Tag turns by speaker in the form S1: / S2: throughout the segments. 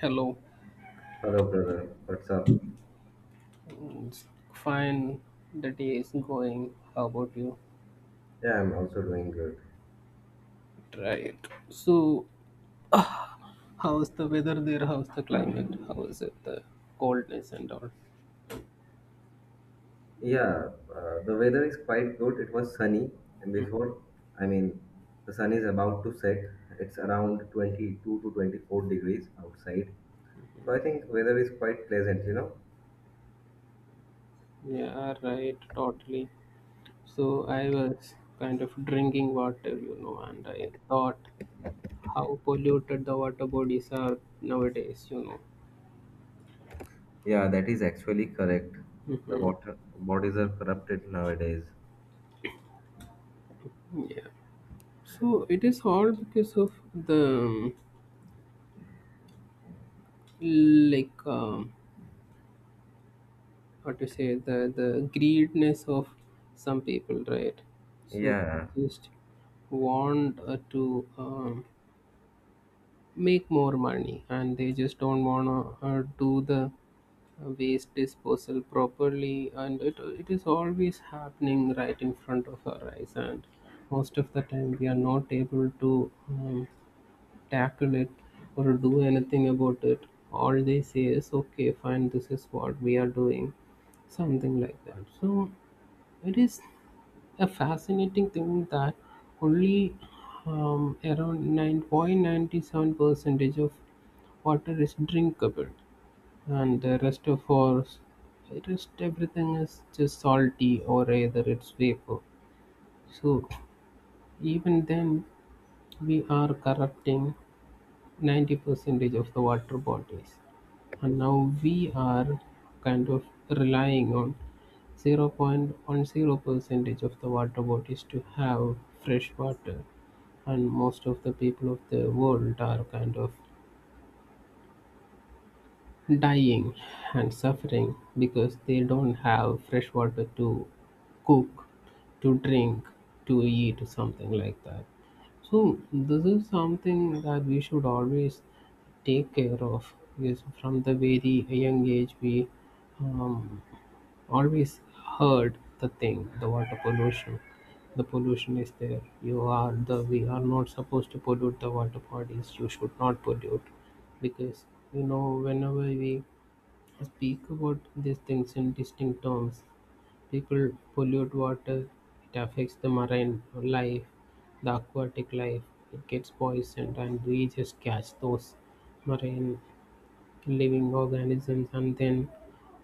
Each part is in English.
S1: Hello,
S2: Hello, brother. What's up?
S1: it's fine. The day is going. How about you?
S2: Yeah, I'm also doing good.
S1: Right. So, how's the weather there? How's the climate? How is it? The coldness and all.
S2: Yeah, the weather is quite good. It was sunny before. I mean, the sun is about to set. It's around 22 to 24 degrees outside. So I think weather is quite pleasant, you know?
S1: Yeah, right. Totally. So, I was kind of drinking water, and I thought how polluted the water bodies are nowadays.
S2: Yeah, that is actually correct. The water bodies are corrupted nowadays.
S1: So, it is all because of the like. How to say the greediness of some people, right? So
S2: Yeah.
S1: just want to um, make more money, and they just don't want to do the waste disposal properly, and it is always happening right in front of our eyes, and most of the time we are not able to um, tackle it or do anything about it. All they say is, okay, fine, this is what we are doing, something like that. So it is a fascinating thing that only around 9.97 percentage of water is drinkable, and the rest of our rest everything is just salty or either it's vapor. So even then we are corrupting 90 percentage of the water bottles. And now we are kind of relying on 0.10 percentage of the water bottles to have fresh water. And most of the people of the world are kind of dying and suffering because they don't have fresh water to cook, to drink, to eat, something like that. So this is something that we should always take care of, because from the very young age we um, always heard the thing, the water pollution. The pollution is there. You are the We are not supposed to pollute the water bodies. You should not pollute, because you know, whenever we speak about these things in distinct terms. People pollute water, it affects the marine life, the aquatic life, it gets poisoned, and we just catch those marine living organisms, and then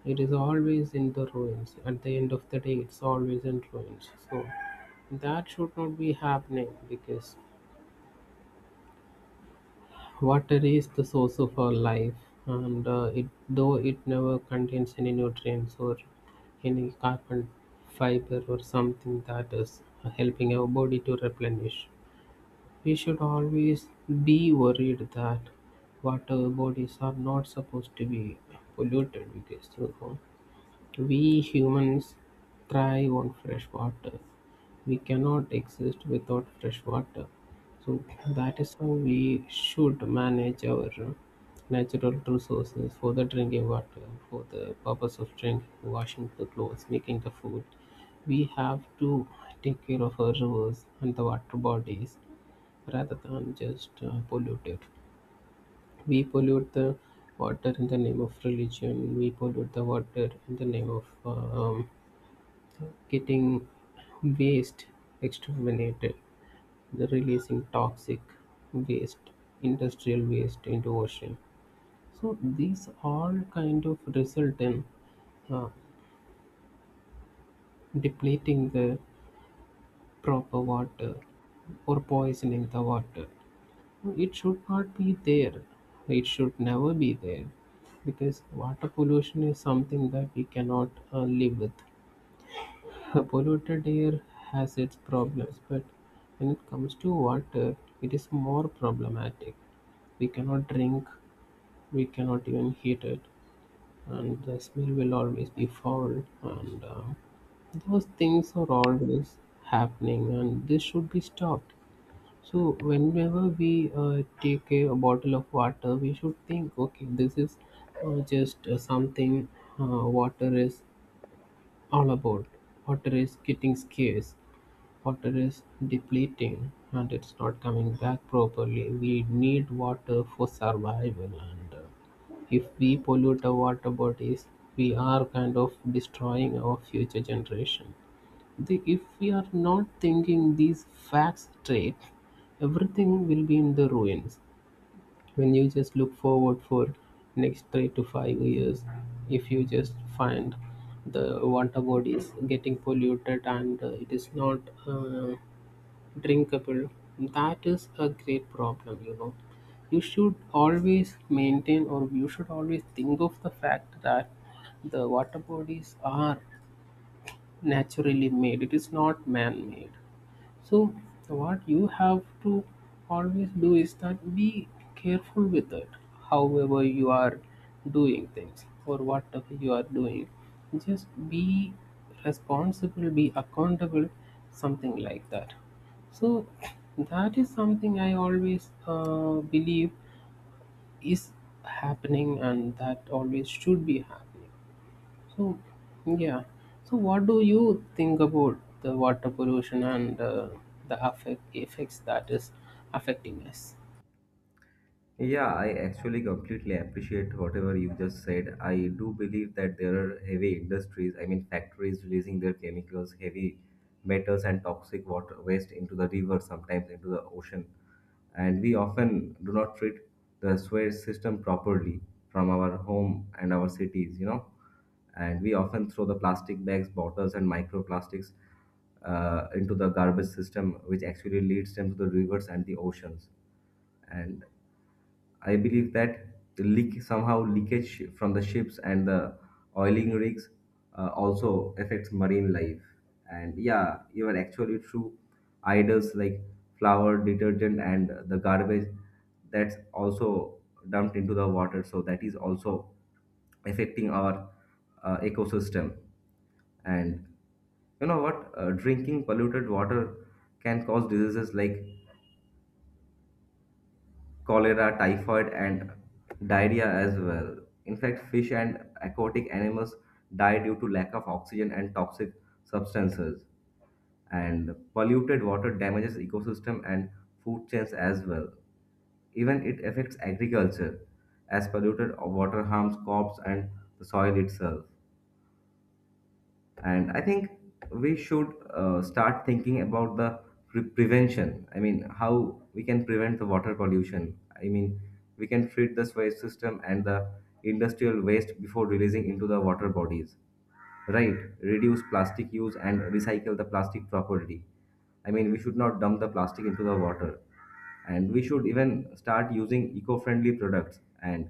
S1: it is always in the ruins. At the end of the day, it's always in ruins. So that should not be happening, because water is the source of our life, and it though it never contains any nutrients or any carbon fiber or something that is helping our body to replenish. We should always be worried that water bodies are not supposed to be polluted, because you know, we humans thrive on fresh water. We cannot exist without fresh water. So that is how we should manage our natural resources for the drinking water, for the purpose of drinking, washing the clothes, making the food. We have to take care of our rivers and the water bodies rather than just pollute it. We pollute the water in the name of religion. We pollute the water in the name of um, getting waste exterminated, the releasing toxic waste, industrial waste into ocean. So these all kind of result in uh, depleting the proper water or poisoning the water. It should not be there. It should never be there, because water pollution is something that we cannot live with. Polluted air has its problems, but when it comes to water, it is more problematic. We cannot drink, we cannot even heat it, and the smell will always be foul. And Those things are always happening, and this should be stopped. So, whenever we take a bottle of water, we should think, okay, this is just something uh, water is all about. Water is getting scarce. Water is depleting and it's not coming back properly. We need water for survival, and if we pollute our water bodies, we are kind of destroying our future generation. If we are not thinking these facts straight, everything will be in the ruins. When you just look forward for next 3 to 5 years, if you just find the water bodies getting polluted and it is not uh, drinkable. That is a great problem, you know. You should always maintain, or you should always think of the fact that the water bodies are naturally made, it is not man made. So what you have to always do is that be careful with it. However you are doing things or whatever you are doing, just be responsible, be accountable, something like that. So that is something I always believe is happening, and that always should be happening. So, yeah. So, what do you think about the water pollution and the effects that is affecting us?
S2: Yeah, I actually completely appreciate whatever you just said. I do believe that there are heavy industries, I mean factories releasing their chemicals, heavy metals and toxic water waste into the river, sometimes into the ocean. And we often do not treat the sewage system properly from our home and our cities, you know. And we often throw the plastic bags, bottles and microplastics into the garbage system, which actually leads them to the rivers and the oceans. And I believe that the leak somehow leakage from the ships and the oiling rigs also affects marine life. And yeah, you are actually true. Idols like flour, detergent, and the garbage that's also dumped into the water. So that is also affecting our ecosystem. And you know what? Drinking polluted water can cause diseases like cholera, typhoid, and diarrhea as well. In fact, fish and aquatic animals die due to lack of oxygen and toxic substances. And polluted water damages ecosystem and food chains as well. Even it affects agriculture, as polluted water harms crops and the soil itself. And I think we should start thinking about the prevention. I mean, how we can prevent the water pollution? I mean, we can treat the waste system and the industrial waste before releasing into the water bodies, right? Reduce plastic use and recycle the plastic properly. I mean, we should not dump the plastic into the water, and we should even start using eco-friendly products and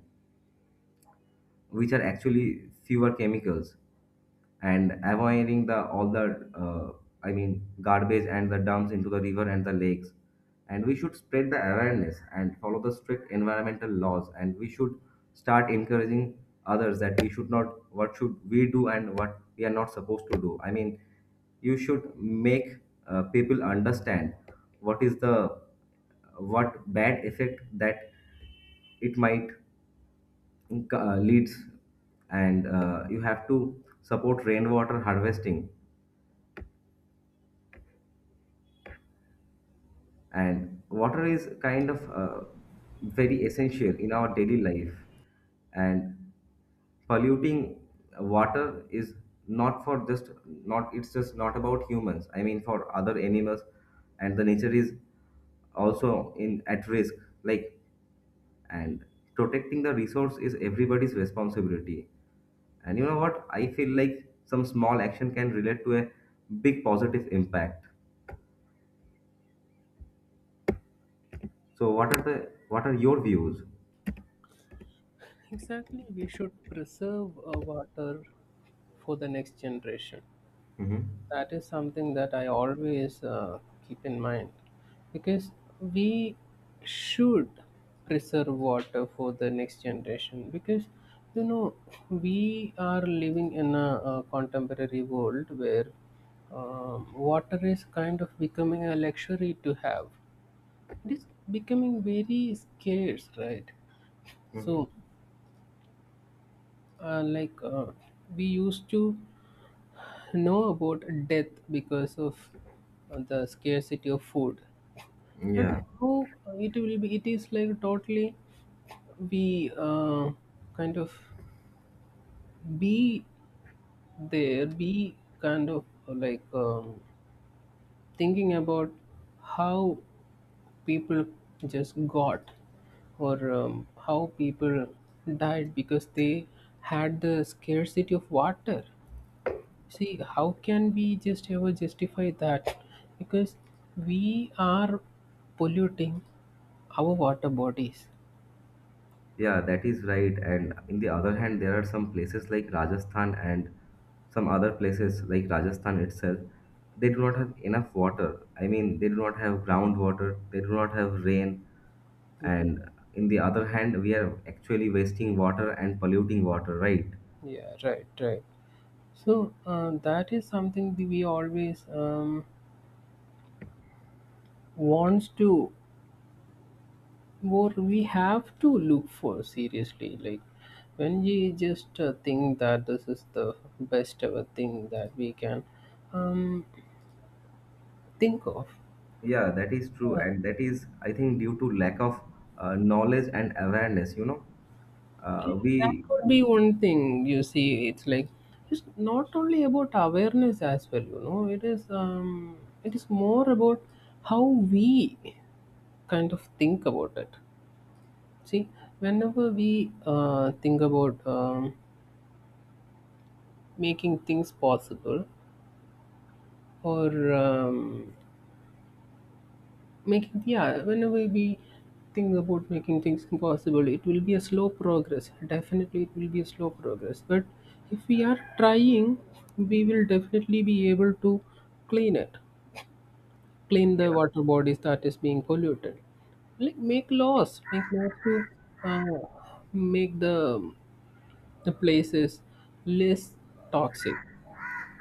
S2: which are actually fewer chemicals, and avoiding the all the I mean garbage and the dumps into the river and the lakes. And we should spread the awareness and follow the strict environmental laws, and we should start encouraging others that we should not, what should we do and what we are not supposed to do. I mean, you should make people understand what is the what bad effect that it might leads. And you have to support rainwater harvesting, and water is kind of very essential in our daily life. And polluting water is not for just not it's just not about humans. I mean, for other animals and the nature is also in at risk, like. And protecting the resource is everybody's responsibility. And you know what? I feel like some small action can relate to a big positive impact. So what are the, what are your views?
S1: Exactly, we should preserve water for the next generation.
S2: Mhm.
S1: That is something that I always keep in mind, because we should preserve water for the next generation, because you know, we are living in a contemporary world where water is kind of becoming a luxury to have. It is becoming very scarce, right? So, like we used to know about death because of the scarcity of food, but
S2: Yeah,
S1: now it will be it is like totally we kind of be there be kind of like thinking about how people just got, or how people died because they had the scarcity of water. See, how can we just ever justify that? Because we are polluting our water bodies.
S2: yeah, that is right. And in the other hand, there are some places like Rajasthan and some other places like Rajasthan itself. They do not have enough water. I mean, they do not have groundwater. They do not have rain. And in the other hand, we are actually wasting water and polluting water, right?
S1: Yeah, right. So that is something that we always wants to, or we have to look for seriously. Like when we just think that this is the best ever thing that we can um, think of,
S2: Yeah, that is true, and that is, I think, due to lack of knowledge and awareness. You know,
S1: yeah, that
S2: we,
S1: could be one thing. You see, it's like it's not only about awareness as well, you know, it is more about how we kind of think about it. See, whenever we think about making things possible, or whenever we think about making things impossible, it will be a slow progress. Definitely, it will be a slow progress. But if we are trying, we will definitely be able to clean it, clean the water bodies that is being polluted. Like make laws to uh, make the places less toxic.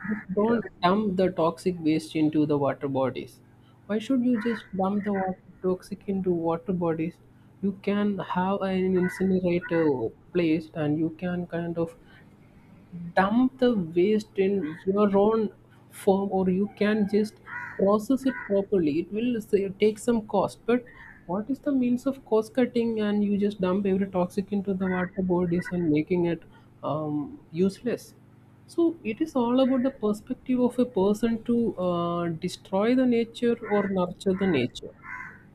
S1: Just
S2: yeah,
S1: don't dump the toxic waste into the water bodies. Why should you just dump the water toxic into water bodies? You can have an incinerator place, and you can kind of dump the waste in your own form, or you can just process it properly. It will say, take some cost, but what is the means of cost cutting and you just dump every toxic into the water bodies and making it useless. So it is all about the perspective of a person to destroy the nature or nurture the nature.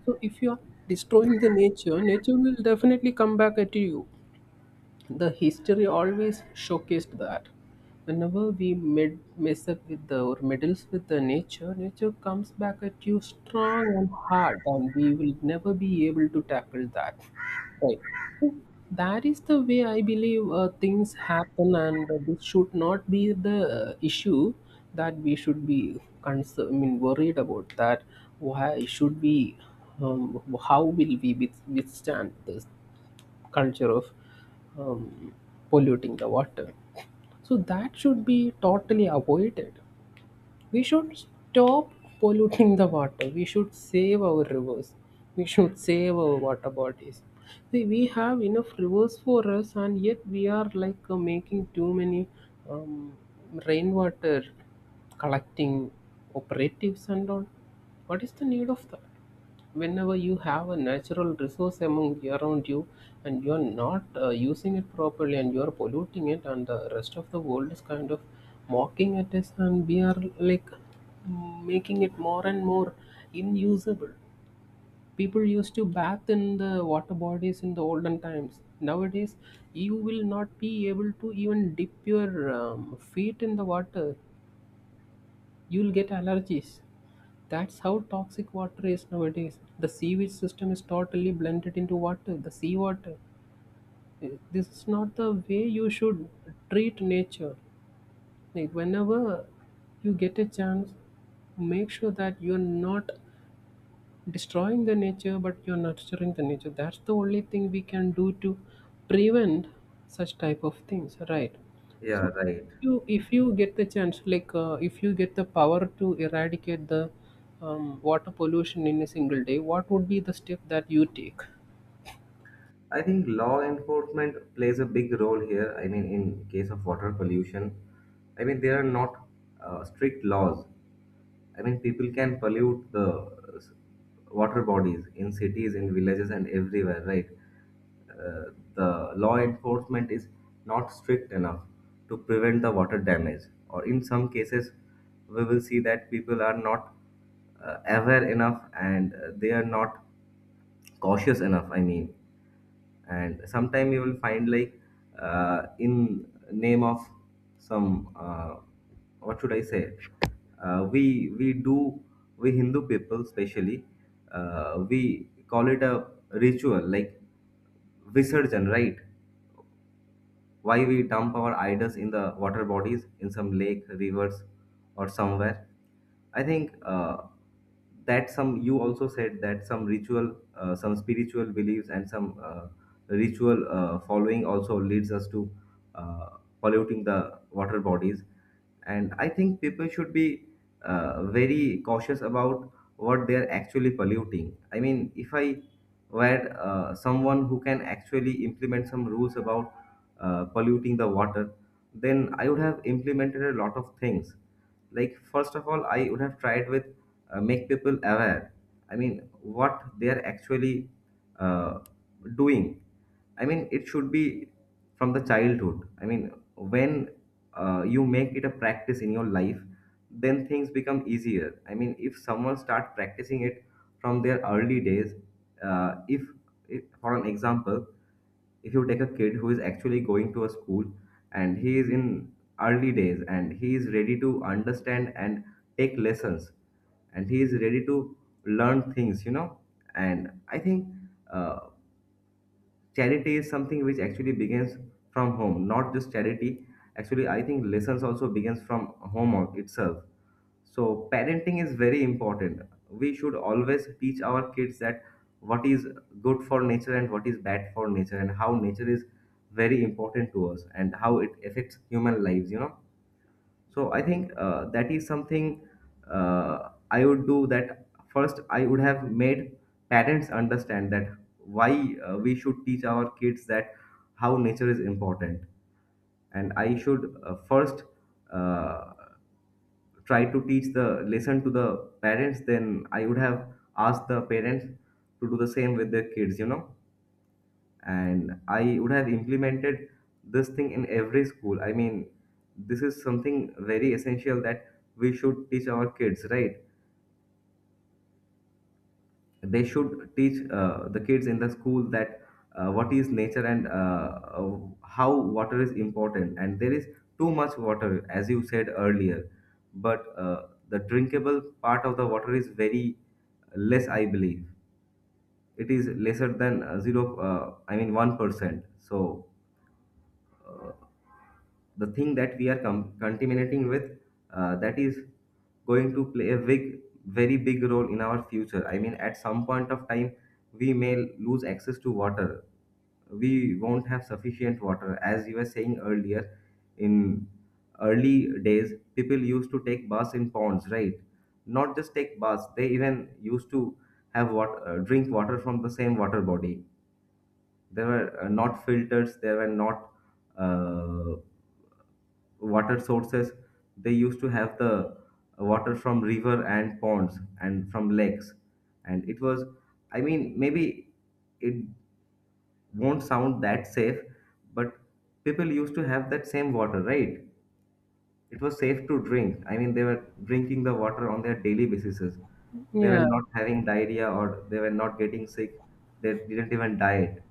S1: So if you are destroying the nature, nature will definitely come back at you. The history always showcased that whenever we mess up with the, or meddles with the nature, nature comes back at you strong and hard, and we will never be able to tackle that, right? So that is the way I believe things happen, and this should not be the issue that we should be concerned, I mean worried about. That, why should we how will we withstand this culture of um, polluting the water. So that should be totally avoided. We should stop polluting the water. We should save our rivers. We should save our water bodies. See, we have enough rivers for us, and yet we are like making too many um, rainwater collecting operatives and all. What is the need of that? Whenever you have a natural resource among around you, and you're not using it properly, and you're polluting it, and the rest of the world is kind of mocking at us, and we are like making it more and more unusable. People used to bath in the water bodies in the olden times. Nowadays you will not be able to even dip your feet in the water. You'll get allergies. That's how toxic water is nowadays. The sewage system is totally blended into water, the seawater. This is not the way you should treat nature. Like whenever you get a chance, make sure that you're not destroying the nature, but you're nurturing the nature. That's the only thing we can do to prevent such type of things, right?
S2: yeah,
S1: So
S2: right.
S1: if you get the chance, like if you get the power to eradicate the water pollution in a single day, what would be the step that you take?
S2: I think law enforcement plays a big role here. I mean, in case of water pollution, I mean, there are not strict laws. I mean, people can pollute the uh, s- water bodies in cities, in villages, and everywhere, right? The law enforcement is not strict enough to prevent the water damage. Or in some cases, we will see that people are not aware enough, and they are not cautious enough. I mean, and sometime you will find like in name of some what should I say, uh, we we do we Hindu people especially, we call it a ritual like visarjan, right? Why we dump our idols in the water bodies, in some lake, rivers, or somewhere. I think that, some you also said that some ritual, some spiritual beliefs, and some ritual following also leads us to uh, polluting the water bodies. And I think people should be very cautious about what they are actually polluting. I mean, if I were someone who can actually implement some rules about polluting the water, then I would have implemented a lot of things. Like, first of all, I would have tried with make people aware. I mean, what they are actually uh, doing. I mean, it should be from the childhood. I mean, when you make it a practice in your life, then things become easier. I mean, if someone start practicing it from their early days, uh, if, if for an example, if you take a kid who is actually going to a school, and he is in early days and he is ready to understand and take lessons, and he is ready to learn things, you know. And I think uh, charity is something which actually begins from home, not just charity. Actually, I think lessons also begins from itself. So parenting is very important. We should always teach our kids that what is good for nature and what is bad for nature, and how nature is very important to us and how it affects human lives, you know. So I think that is something I would do that. First, I would have made parents understand that why we should teach our kids that how nature is important. And I should first uh, try to teach the lesson to the parents, then I would have asked the parents to do the same with their kids, you know. And I would have implemented this thing in every school. I mean, this is something very essential that we should teach our kids, right? They should teach the kids in the school that what is nature and how water is important, and there is too much water as you said earlier. But the drinkable part of the water is very less, I believe. It is lesser than zero I mean 1%. So the thing that we are contaminating with, that is going to play a big, very big role in our future. I mean, at some point of time, we may lose access to water. We won't have sufficient water, as you were saying earlier. In early days, people used to take baths in ponds, right? Not just take baths, they even used to have what, drink water from the same water body. There were not filters, there were not uh, water sources. They used to have the water from river and ponds and from lakes, and it was, I mean, maybe it won't sound that safe, but people used to have that same water, right? It was safe to drink. I mean, they were drinking the water on their daily basis. They were
S1: Yeah.
S2: not having diarrhea or they were not getting sick. They didn't even diet.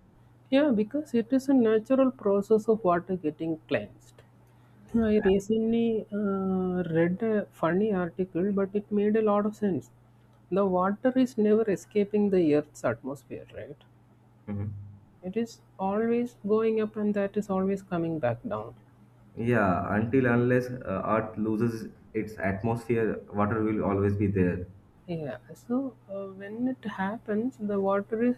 S1: Yeah, because it is a natural process of water getting cleansed. I recently read a funny article, but it made a lot of sense. The water is never escaping the Earth's atmosphere, right?
S2: Mhm.
S1: It is always going up and that is always coming back down.
S2: Yeah, until unless earth loses its atmosphere, water will always be there.
S1: Yeah, so when it happens, the water is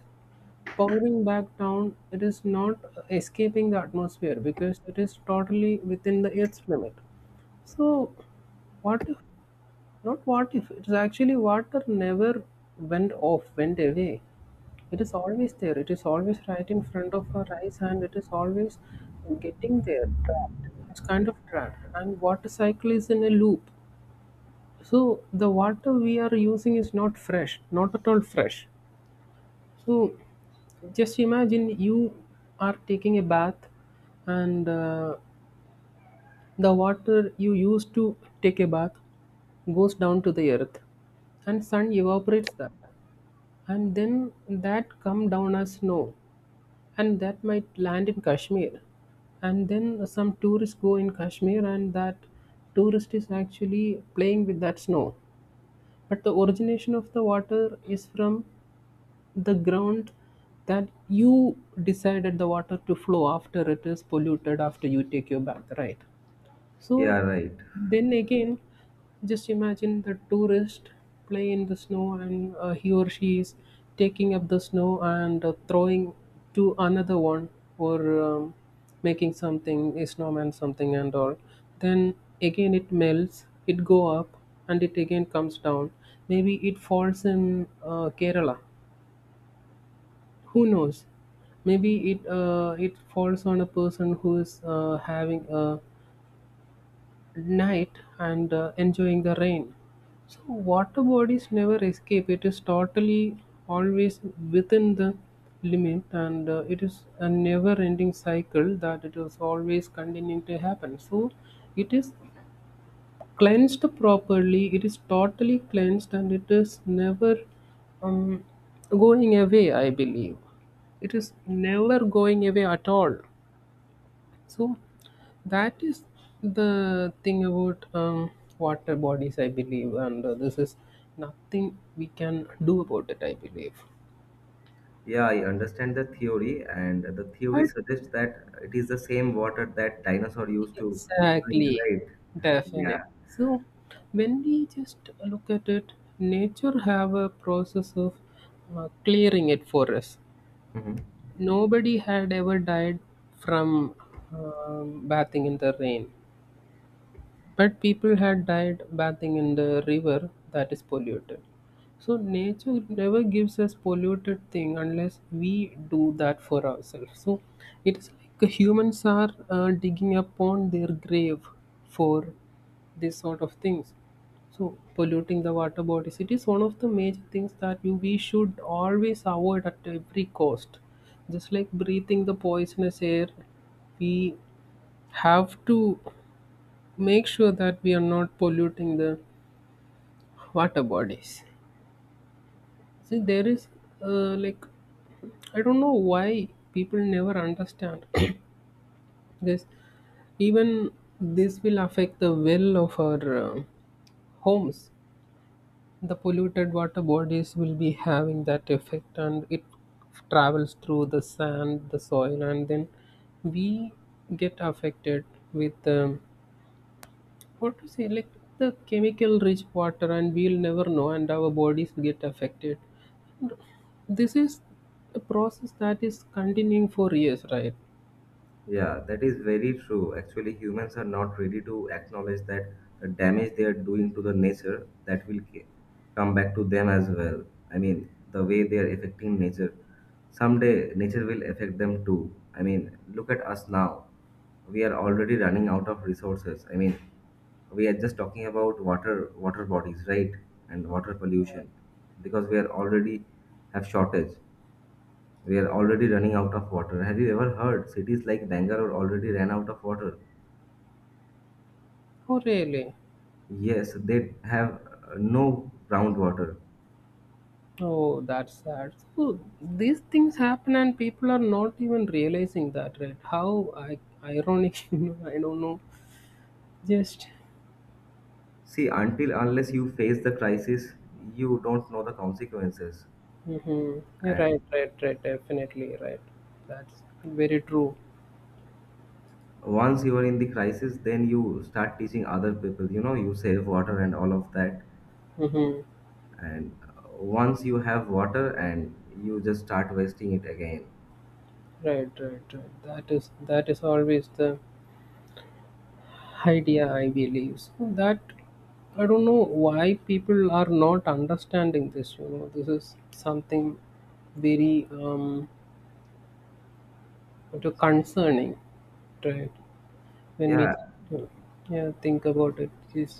S1: pouring back down. It is not escaping the atmosphere, because it is totally within the Earth's limit. So, what if, it's actually water never went away. It is always there, it is always right in front of our eyes, and it is always getting there, trapped. It's kind of trapped. And water cycle is in a loop, so the water we are using is not fresh, not at all fresh. So just imagine you are taking a bath, and the water you used to take a bath goes down to the earth, and sun evaporates that, and then that come down as snow, and that might land in Kashmir, and then some tourists go in Kashmir, and that tourist is actually playing with that snow. But the origination of the water is from the ground that you decided the water to flow after it is polluted, after you take your bath, right? So
S2: Yeah, right.
S1: then again, just imagine the tourist play in the snow, and he or she is taking up the snow and throwing to another one, or making something, a snowman, something and all. Then again it melts, it go up, and it again comes down. Maybe it falls in Kerala, who knows. Maybe it it falls on a person who is having a night and enjoying the rain. So water bodies never escape. It is totally always within the limit, and it is a never-ending cycle that it is always continuing to happen. So it is cleansed properly. It is totally cleansed, and it is never um, going away. I believe it is never going away at all. So that is the thing about water bodies, I believe, and this is nothing we can do about it, I believe.
S2: Yeah, I understand the theory, and the theory
S1: But
S2: suggests that it is the same water that dinosaur used to drink,
S1: exactly,
S2: right? Yeah.
S1: definite. So when we just look at it, nature have a process of clearing it for us.
S2: Mhm.
S1: Nobody had ever died from bathing in the rain. But people had died bathing in the river that is polluted. So nature never gives us polluted thing unless we do that for ourselves. So it is like humans are digging upon their grave for this sort of things. So polluting the water bodies, it is one of the major things that we should always avoid at every cost. Just like breathing the poisonous air, we have to make sure that we are not polluting the water bodies. See, there is like, I don't know why people never understand this. Even this will affect the well of our homes. The polluted water bodies will be having that effect, and it travels through the sand, the soil, and then we get affected with what to say, like, the chemical rich water, and we'll never know, and our bodies get affected. This is a process that is continuing for years, right?
S2: Yeah, that is very true. Actually, humans are not ready to acknowledge that the damage they are doing to the nature, that will come back to them as well. I mean, the way they are affecting nature, someday nature will affect them too. I mean, look at us now. We are already running out of resources. I mean, we are just talking about water bodies, right? And water pollution, because we are already have shortage. We are already running out of water. Have you ever heard cities like Bangalore already ran out of water?
S1: Oh, really?
S2: Yes, they have. No groundwater.
S1: Oh, that's sad. So these things happen, and people are not even realizing that, right? How I, ironic, you know? I don't know. Just,
S2: See, until unless you face the crisis, you don't know the consequences.
S1: mm-hmm. You
S2: And
S1: right, right, right. Definitely right. That's very true.
S2: once you are in the crisis, then you start teaching other people, you know, you save water and all of that.
S1: Mm-hmm.
S2: And once you have water and you just start wasting it again.
S1: Right, right, right. That is always the idea, I believe, so that I don't know why people are not understanding this, this is something very what you- concerning, right? When we,
S2: Yeah,
S1: yeah, think about it, it is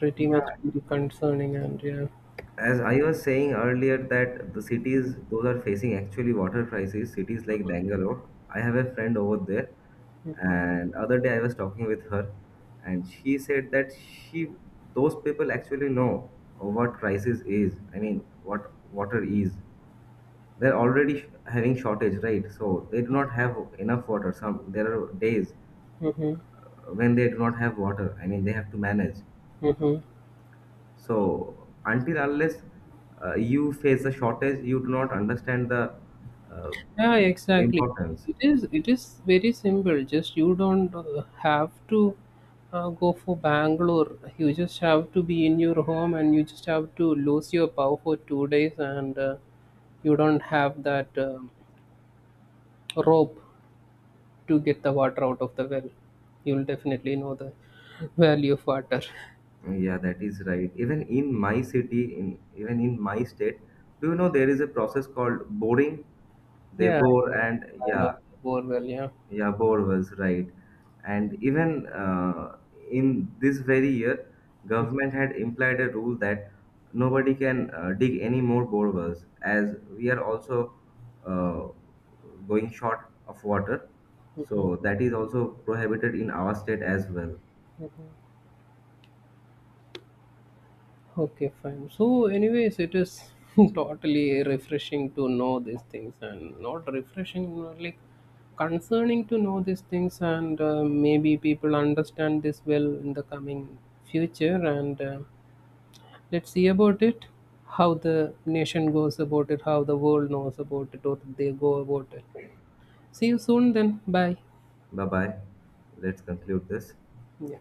S1: pretty much
S2: yeah,
S1: very concerning, and yeah.
S2: as I was saying earlier that the cities those are facing actually water crisis, cities like Bangalore, I have a friend over there. And other day I was talking with her, and she said that she, those people actually know what crisis is. I mean, what water is. They're already having shortage, right? So they do not have enough water. Some, there are days
S1: Mm-hmm,
S2: when they do not have water. I mean, they have to manage.
S1: mm-hmm.
S2: So until unless you face a shortage, you do not understand the uh,
S1: Yeah, exactly.
S2: importance.
S1: It is very simple. Just you don't have to go for Bangalore. You just have to be in your home and you just have to lose your power for 2 days, and you don't have that rope to get the water out of the well. You'll definitely know the value of water.
S2: Yeah, that is right. Even in my city, in even in my state, do you know there is a process called boring? They
S1: Yeah,
S2: bore, and
S1: I know
S2: yeah.
S1: the borewell. Yeah.
S2: Yeah, Bohr was right. And even in this very year, government had implied a rule that nobody can dig any more boreholes, as we are also uh, going short of water. So that is also prohibited in our state as well.
S1: Okay, fine. So, anyways, it is totally refreshing to know these things, and not refreshing, like concerning to know these things, and maybe people understand this well in the coming future. And let's see about it, how the nation goes about it, how the world knows about it, or they go about it. See you soon, then. Bye.
S2: Bye bye. Let's conclude this.
S1: Yeah.